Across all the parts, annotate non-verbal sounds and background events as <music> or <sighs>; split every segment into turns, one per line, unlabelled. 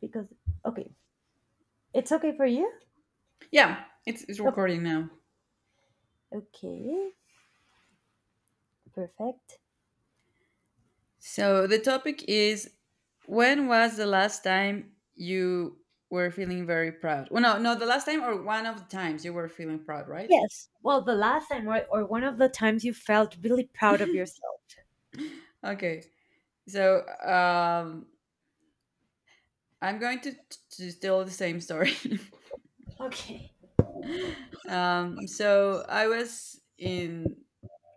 Because, okay, it's okay for you?
Yeah, it's
Okay,
recording now.
okay, perfect.
So the topic is, when was the last time you were feeling very proud? Well, no, no, the last time, or one of the times you were feeling proud, right?
Yes. Well, the last time or one of the times you felt really proud of yourself.
Okay. So I'm going to tell the same story.
Okay.
<laughs> So I was in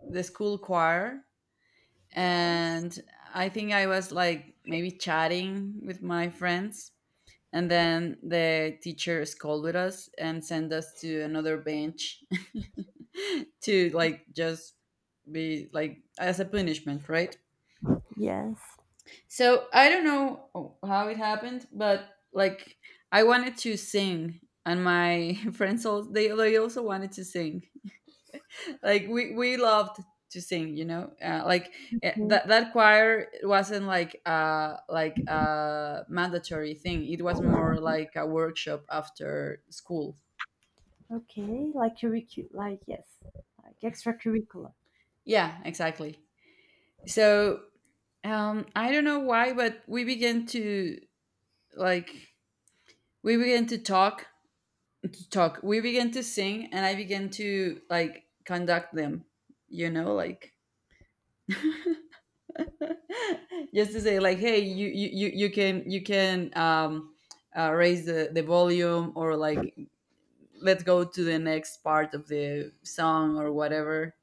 the school choir,
Yeah.
and I think I was like maybe chatting with my friends, and then the teacher scolded us and sent us to another bench <laughs> to like just be like as a punishment, right?
Yes.
So I don't know how it happened, but like I wanted to sing, and my <laughs> friends also, they also wanted to sing. Like we loved to sing. Like eh,
Mm,
that that choir wasn't like a mandatory thing. It was more like a workshop after school.
okay. Like yes. Like extracurricular.
Yeah, exactly. So, I don't know why, but we began to, like, we began to talk, we began to sing, and I began to like conduct them, you know, like <laughs> just to say like, hey, you can, you can raise the volume, or like let's go to the next part of the song or whatever.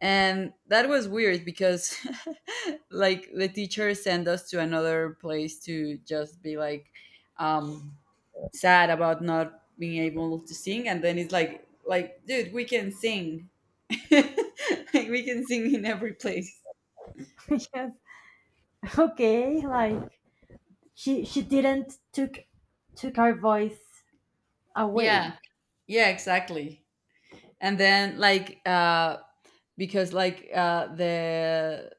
And that was weird because <laughs> like the teacher sent us to another place to just be like, um sad about not being able to sing, and then it's like, dude, we can sing. <laughs> Like we can sing in every place.
<laughs> Yes. Okay. Like she didn't took our voice away.
Yeah yeah exactly. And then like because like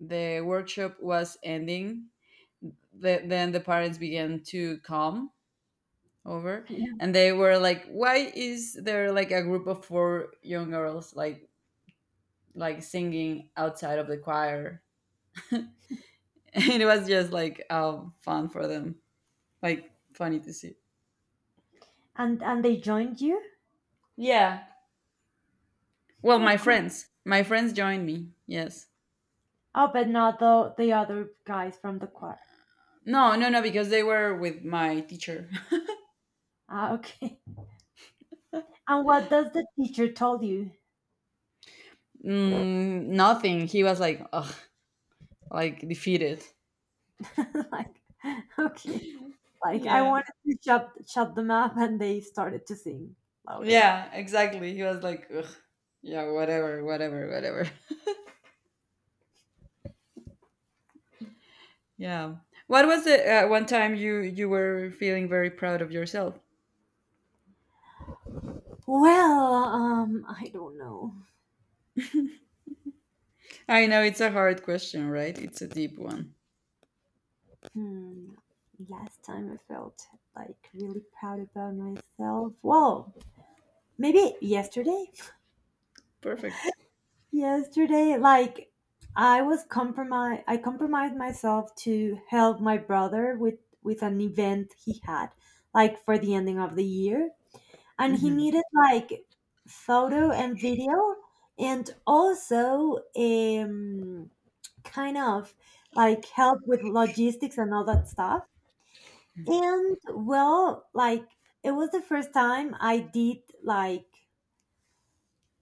the workshop was ending, then the parents began to come over.
Yeah.
And they were like, why is there like a group of four young girls like singing outside of the choir? <laughs> And it was just like, fun for them, like funny to see.
And they joined you?
Yeah, well,
Oh,
my
cool.
friends my friends joined me, yes.
Oh, but not the other guys from the choir.
No, because they were with my teacher. <laughs>
Ah, okay. And what does the teacher told you?
Nothing. He was like, ugh, like defeated.
<laughs> Like, okay. Like I
Yeah.
wanted to shut them up and they started to sing louder.
Yeah, exactly. He was like, ugh, yeah, whatever, whatever, whatever. <laughs> Yeah. What was the one time you were feeling very proud of yourself?
Well, I don't know.
I know it's a hard question, right? It's a deep one.
Hmm. Last time I felt like really proud about myself. Well, maybe yesterday.
Perfect.
Yesterday, like I compromised myself to help my brother with an event he had, like for the ending of the year, and he needed like photo and video, and also kind of like help with logistics and all that stuff. And well, like it was the first time I did like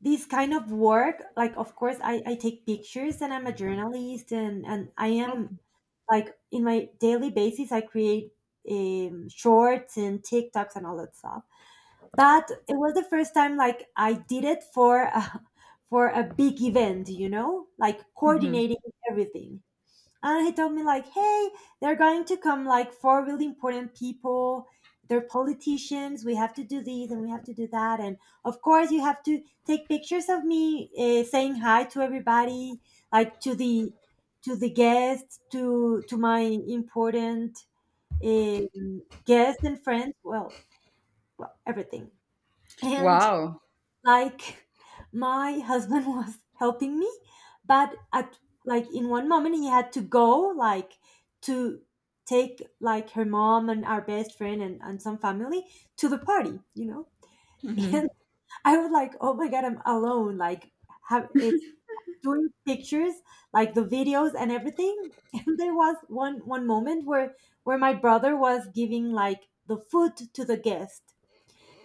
this kind of work. Like, of course, I take pictures and I'm a journalist, and I
Oh.
am, like, in my daily basis, I create shorts and TikToks and all that stuff. But it was the first time like I did it for a, <laughs> for a big event, like
Mhm.
coordinating everything. And he told me like, "Hey, they're going to come like four really important people. They're politicians. We have to do this and we have to do that. And of course, you have to take pictures of me, saying hi to everybody, like to the guests, to my important guests and friends. Well, everything." And
Wow.
like my husband <laughs> was helping me, but at, like, in one moment he had to go, like, to take like her mom and our best friend and some family to the party. <laughs> And
Mhm.
I was like, oh my god, I'm alone, like, have, it's doing pictures like the videos and everything. <laughs> And there was one moment where my brother was giving like the food to the guest,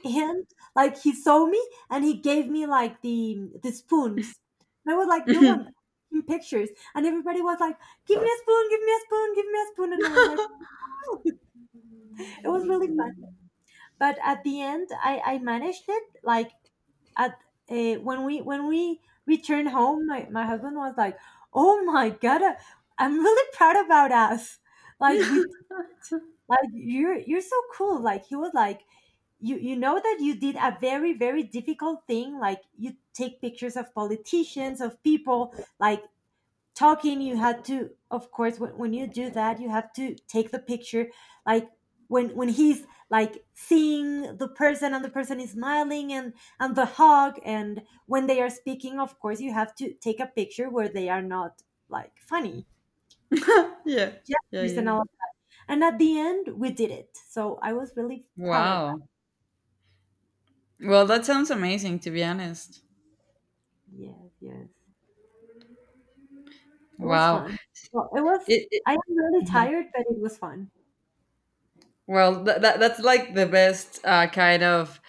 and like he saw me and he gave me like the spoons. And I was like, no, I'm in pictures. And everybody was like, give me a spoon, give me a spoon, give me a spoon. And I was like, oh. <laughs> It was really fun. But at the end, I managed it, like, at when we returned home, my husband was like, oh my god, I'm really proud about us, like, we, like, you're so cool. Like, he was like, you know that you did a very, very difficult thing. Like, you take pictures of politicians, of people like talking. You had to, of course, when you do that, you have to take the picture. Like, when he's like seeing the person and the person is smiling and the hug, and when they are speaking, of course you have to take a picture where they are not, like, funny
Yeah. Yeah,
gestures
yeah.
and all. And at the end, we did it. So I was really proud of
Wow. Well, that sounds amazing, to be honest.
that. Yes, yes. It was
Wow.
fun. Well,
It,
I am really tired, but it was fun.
well, that's like the best kind of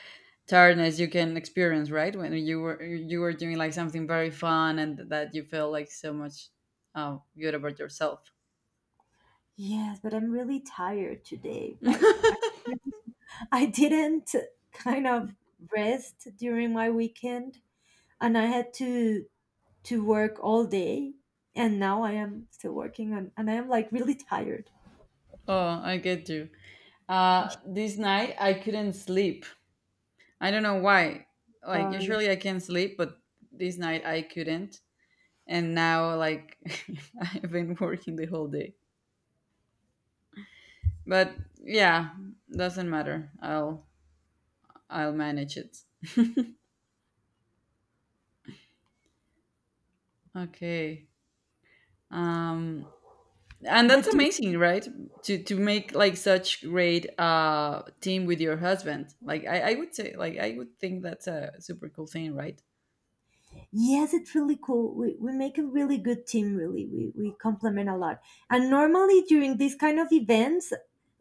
tiredness you can experience, right? When you were, you were doing like something very fun and that you feel like so much good about yourself.
Yes, but I'm really tired today. Like, I, <laughs> I didn't kind of rest during my weekend, and I had to work all day, and now I am still working, and I am, like, really tired.
Oh, I get you. This night I couldn't sleep. I don't know why. Like
Sorry.
usually I can sleep, but this night I couldn't. And now, like, <laughs> I've been working the whole day, but yeah, doesn't matter, I'll manage it. Okay. um and that's
But,
amazing, right? To make like such great team with your husband. Like I would say, like, I would think that's a super cool thing, right?
yes, it's really cool. We make a really good team, really. We complement a lot. And normally during these kind of events,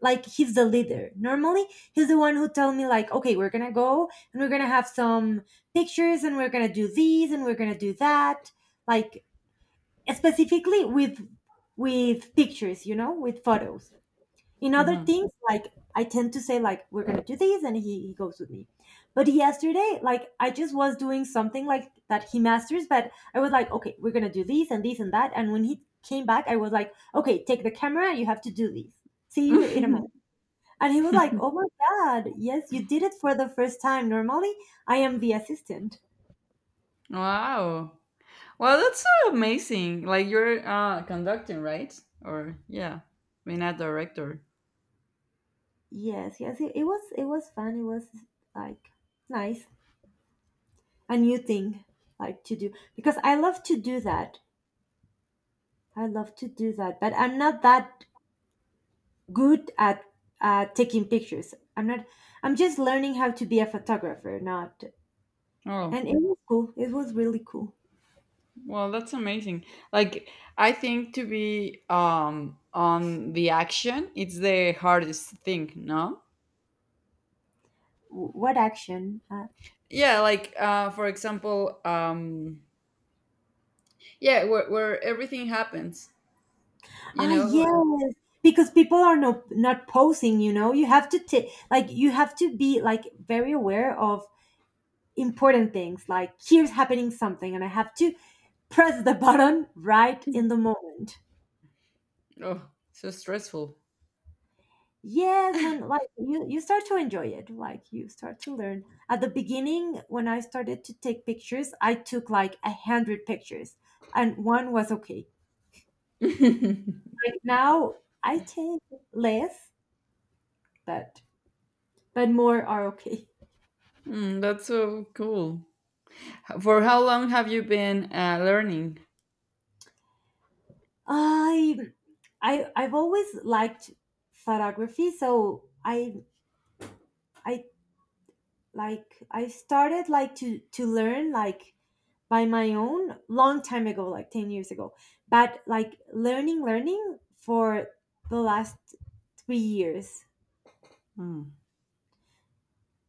like, he's the leader. Normally he's the one who tell me like, okay, we're gonna go and we're gonna have some pictures and we're gonna do these and we're gonna do that. Like, specifically with pictures, with photos, in other
Hmm.
things like, I tend to say like we're gonna do this, and he goes with me. But yesterday, like, I just was doing something like that he masters. But I was like, okay, we're gonna do this and this and that. And when he came back, I was like, okay, take the camera, you have to do this, see you in a moment. And he was like, oh
<laughs>
my god, yes, you did it for the first time, normally I am the assistant.
Wow, well, that's so amazing. Like, you're conducting, right? Or yeah, being a director.
Yes, yes, it was, it was fun. It was, like, nice, a new thing, like, to do, because I love to do that. I love to do that, but I'm not that good at taking pictures. I'm not. I'm just learning how to be a photographer. Not,
Oh,
and it was cool. It was really cool.
well, that's amazing. Like, I think to be on the action, it's the hardest thing, no?
What action? Uh,
Yeah, like for example, yeah, where everything happens, you
ah,
know. uh,
yes, because people are not posing. You know, you have to take, like, you have to be, like, very aware of important things. Like, here's happening something, and I have to press the <laughs> button right in the moment.
Oh, so stressful.
Yes, when, like, you start to enjoy it, like, you start to learn. At the beginning, when I started to take pictures, I took like 100 pictures, and one was okay.
<laughs>
Like, now I take less, but more are okay.
Mm, that's so cool. H- For how long have you been learning?
I I've always liked photography, so I like, I started like to learn, like, by my own long time ago, like 10 years ago. But, like, learning, learning for the last 3 years,
Mm.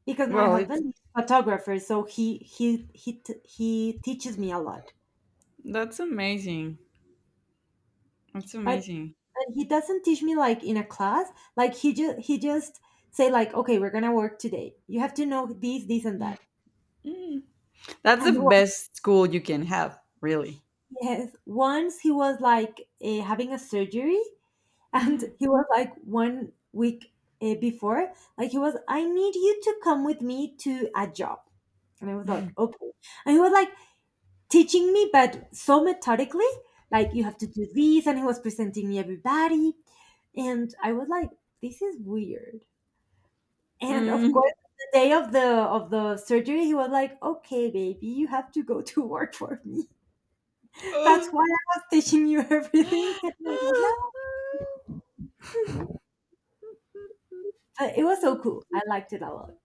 because my
Well, it's,
husband is a photographer, so he teaches me a lot.
that's amazing. That's
but,
amazing.
but he doesn't teach me like in a class. Like, he just say like, okay, we're gonna work today, you have to know this and that.
Mm, that's the
And once,
best school you can have, really.
yes, once he was like, having a surgery,
<gasps>
and
Mm.
he was like, one week before, like, he was, I need you to come with me to a job. And I was like, okay. And he was like teaching me but so methodically. Like, you have to do this, and he was presenting me everybody. And I was like, this is weird. And of course, the day of the surgery, he was like, okay, baby, you have to go to work for me. <laughs> That's
Oh.
why I was teaching you everything. <laughs> And I
<laughs>
was like, "No." But it was so cool. I liked it a lot.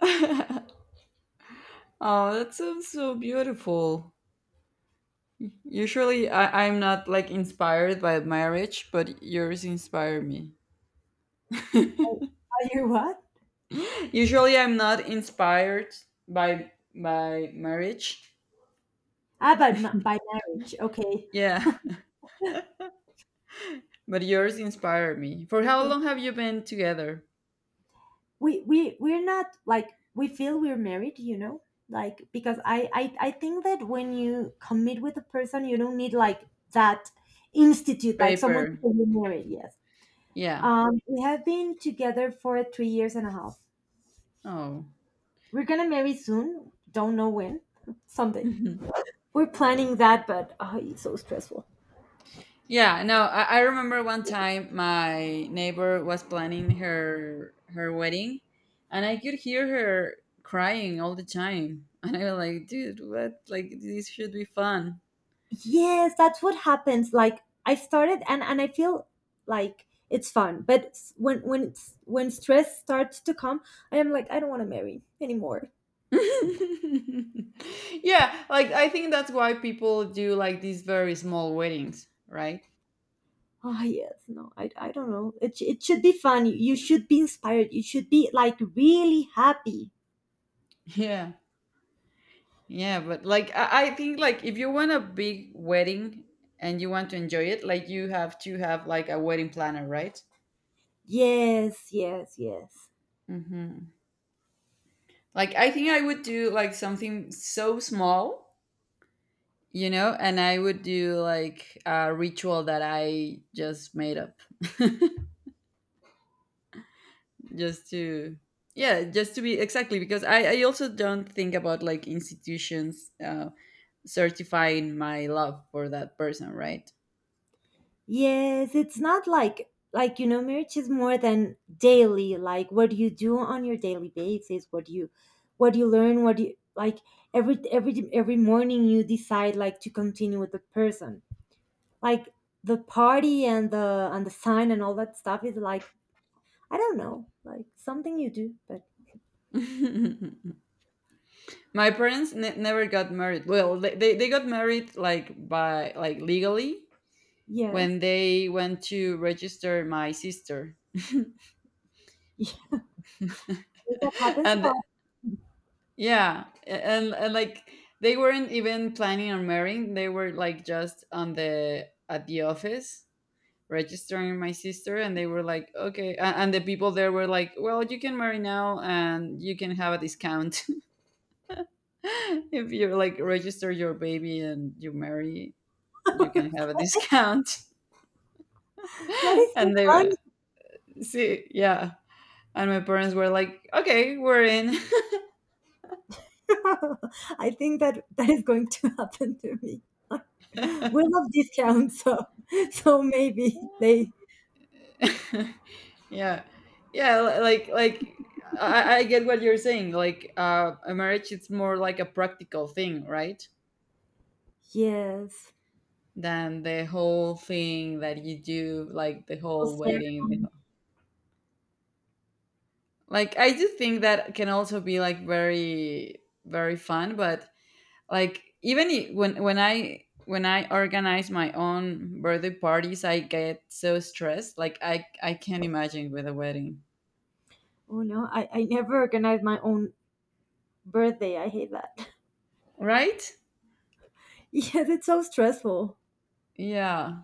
<laughs> Oh, that sounds so beautiful. Usually, I'm not like inspired by marriage, but yours inspire me.
Oh,
<laughs>
you what?
Usually, I'm not inspired by marriage.
Ah, but by marriage, okay.
Yeah, <laughs> but yours inspire me. For how
Yeah.
long have you been together?
We're not, like, we feel we're married, you know, like, because I think that when you commit with a person, you don't need, like, that institute, like, someone to
Paper.
say you're married. Yes.
Yeah.
We have been together for 3 years and a half.
Oh.
We're gonna marry soon. Don't know when. <laughs> Someday.
<laughs>
We're planning that, but, oh, it's so stressful.
Yeah. No, I remember one time my neighbor was planning her wedding, and I could hear her crying all the time, <laughs> and I was like, dude, what? Like, this should be fun.
Yes, that's what happens. Like, I started, and I feel like it's fun, but when, it's when stress starts to come, I am like, I don't want to marry anymore.
<laughs> Yeah, like I think that's why people do like these very small weddings, right?
Ah, yes, no, I don't know. It should be fun. You should be inspired. You should be, like, really happy.
Yeah, yeah, but like I think like if you want a big wedding and you want to enjoy it, like you have to have like a wedding planner, right?
Yes, yes, yes.
Mm-hmm. Like I think I would do like something so small, you know, and I would do like a ritual that I just made up. Just to yeah, just to be, exactly, because I also don't think about like institutions certifying my love for that person, right?
Yes, it's not, like, you know, marriage is more than daily. Like, what do you do on your daily basis? What do you learn? What do you, like, every morning you decide, like, to continue with the person. Like, the party and the sign and all that stuff is, like, I don't know, like, something you do. But,
<laughs> My parents ne- never got married. Well, they got married like by like legally when
yes.
they went to register my sister. <laughs>
<laughs> That happens a
And
lot.
yeah, and like they weren't even planning on marrying. They were like just on the, at the office, registering my sister, and they were like, okay, and the people there were like, well, you can marry now and you can have a discount, <laughs> if you like register your baby and you marry, you can have a discount.
What
<laughs>
is your...
And they were, see, yeah, and my parents were like, okay, we're in.
<laughs> I think that that is going to <laughs> happen to me. Like, we love discounts, so maybe
<laughs>
they,
Yeah, yeah, like, I get what you're saying, like, a marriage, it's more like a practical thing, right?
yes.
Than the whole thing that you do, like the whole
Well,
wedding. The whole… Like, I do think that can also be like very, very fun. But like, even when I, when I organize my own birthday parties, I get so stressed. Like, I can't imagine with a wedding,
oh no, I never organize my own birthday. I hate that. <laughs>
right?
Yes, it's so stressful.
Yeah.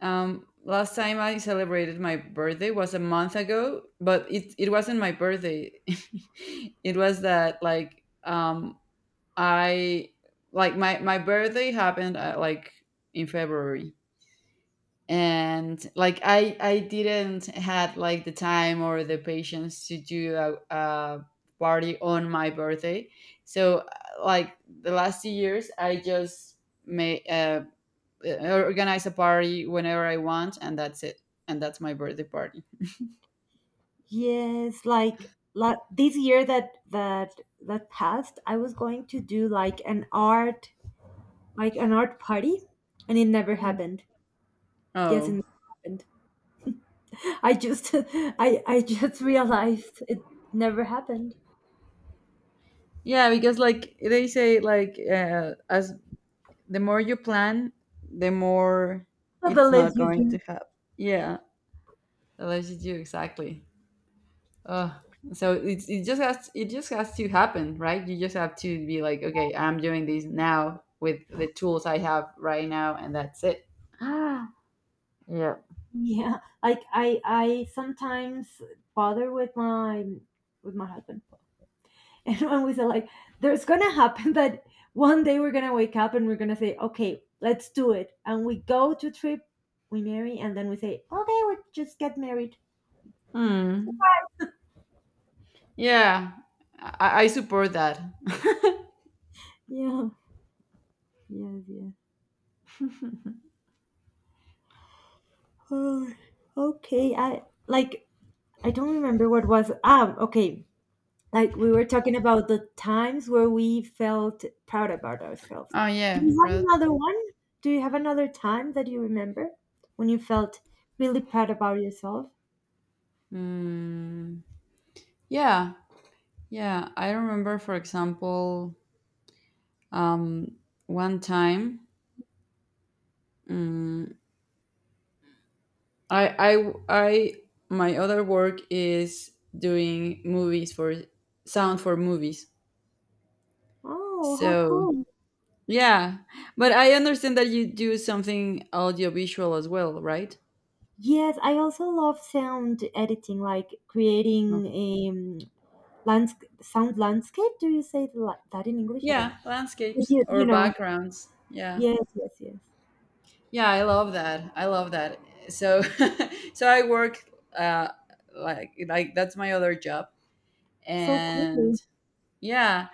Last time I celebrated my birthday was a month ago, but it wasn't my birthday. <laughs> It was that, like, I, like, my birthday happened like in February, and like I didn't had like the time or the patience to do a party on my birthday. So like the last 2 years I just may organize a party whenever I want, and that's it. And that's my birthday party.
Yes, like, this year that passed, I was going to do like an art, party, and it never
Mm.
happened. Yes, it
Oh.
never happened. I just <laughs> I just realized it never happened.
Yeah, because like they say, like, as the more you plan, the more it's
Nonetheless,
not
you
going to
do.
happen. Yeah, the less you do, exactly. Ugh. So it, it just has to happen, right? You just have to be like, okay, I'm doing this now with the tools I have right now, and that's it. <gasps> Ah, yeah.
Yeah, like, I sometimes bother with my husband, <laughs> and when we say like, there's gonna happen <laughs> that one day we're gonna wake up and we're gonna say, okay, let's do it, and we go to trip, we marry, and then we say, okay, we just get married.
Hmm. Yeah, I support that.
Yeah, yeah, yeah. Oh, <sighs> okay. I, like, I don't remember what was. Okay. Like, we were talking about the times where we felt proud about ourselves.
Oh
Do
yeah,
you have
product.
another one? Do you have another time that you remember when you felt really proud about yourself?
Mm, yeah, yeah. I remember, for example, um, one time. mm I, my other work is doing movies for, sound for movies.
Oh, how
So
cool.
yeah, but I understand that you do something audiovisual as well, right?
Yes, I also love sound editing, like
Oh.
creating a landscape sound landscape. Do you say the that in English? I don't
Yeah,
know. But
landscapes
you,
or
you know,
backgrounds. Yeah,
yes, yes, yes.
yeah, I love that. I love that. So <laughs> so I work, uh, like that's my other job,
So cool.
and
<laughs>
yeah,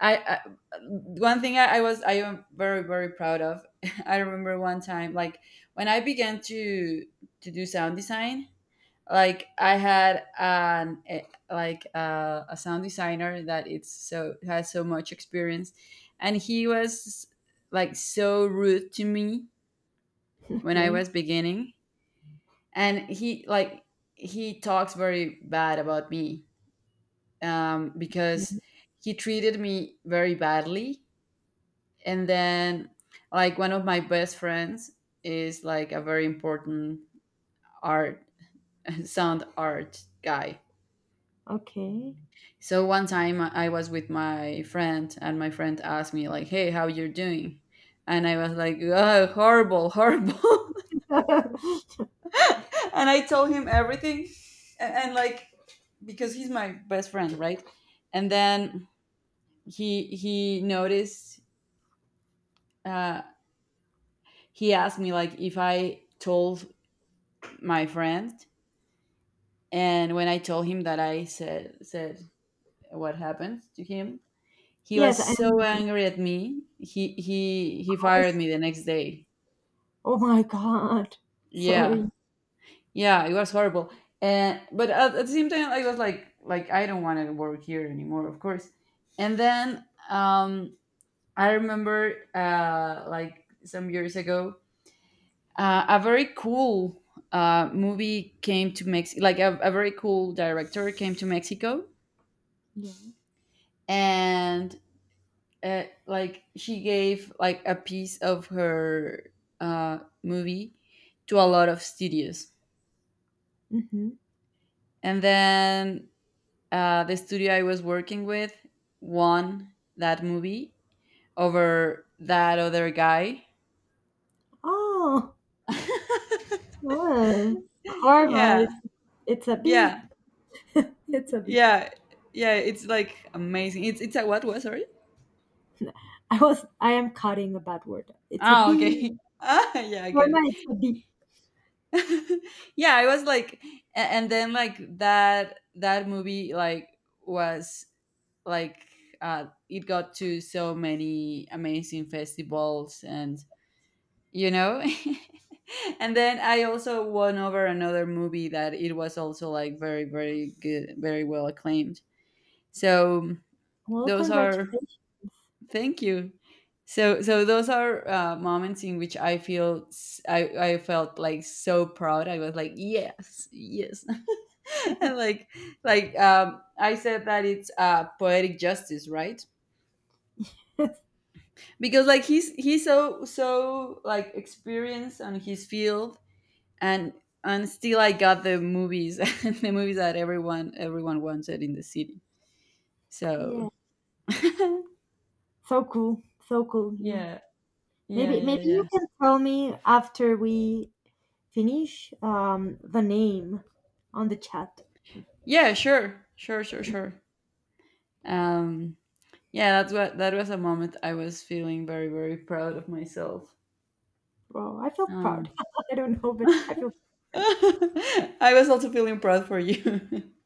I one thing I was, I am very very proud of. <laughs> I remember one time, like when I began to do sound design, like I had an like a sound designer that it's so, has so much experience, and he was like so rude to me when I
Okay.
was beginning, and he like, he talks very bad about me,
Yeah.
because he treated me very badly. And then, like, one of my best friends is like a very important art <laughs> sound art guy.
Okay.
So one time I was with my friend, and my friend asked me like, hey, how you are doing? And I was like, oh, horrible,
<laughs>
<laughs> and I told him everything. And like, because he's my best friend, right? And then he noticed, uh, he asked me like if I told my friend. And when I told him that I said what happened to him, he was
Yes,
so
and,
angry at me. He fired me the next day.
oh my god.
Yeah,
Sorry.
yeah, it was horrible. And but at the same time, I was like, I don't want to work here anymore, of course. And then, um, I remember like some years ago, a very cool movie came to Mexico. Like a very cool director came to Mexico,
Yeah.
and and like she gave like a piece of her movie to a lot of studios.
Mhm.
And then the studio I was working with won that movie over that other guy.
Oh,
<laughs>
well, karma,
yeah
it's a beep.
yeah,
It's a beep.
yeah yeah, it's like amazing. It's a, what was, sorry?
<laughs> I am cutting a bad word. It's a
Oh,
beep.
okay. <laughs> Ah, yeah, I get
Karma, it's
it.
a beep.
<laughs> Yeah, I was like, and then like, that movie, like, was like, it got to so many amazing festivals, and you know, <laughs> and then I also won over another movie that it was also like very very good, very well acclaimed. So
Well,
those are,
congratulations.
thank you, so, so those are, moments in which I feel I felt like so proud. I was like, yes, yes. <laughs> And like, I said that it's poetic justice, right?
<laughs>
Because like he's so, so like experienced on his field, and and still I got the movies. <laughs> The movies that everyone wanted in the city.
Yeah.
So <laughs> yeah,
So cool. So cool you.
yeah, yeah,
Maybe you
yeah.
can tell me after we finish the name on the chat.
Yeah, sure. Sure, sure, sure. Um yeah, that's what, that was a moment I was feeling very very proud of myself.
Well, I feel
Um
proud. <laughs> I don't know, but I feel proud.
<laughs> I was also feeling proud for you. <laughs>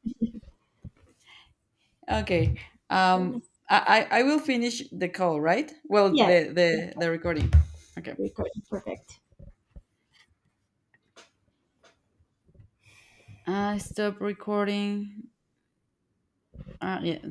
Okay.
Oh,
Um,
nice.
I will finish the call, right? Well,
Yes.
the
Yes,
the the recording. Okay.
recording perfect.
I stop recording. Yeah.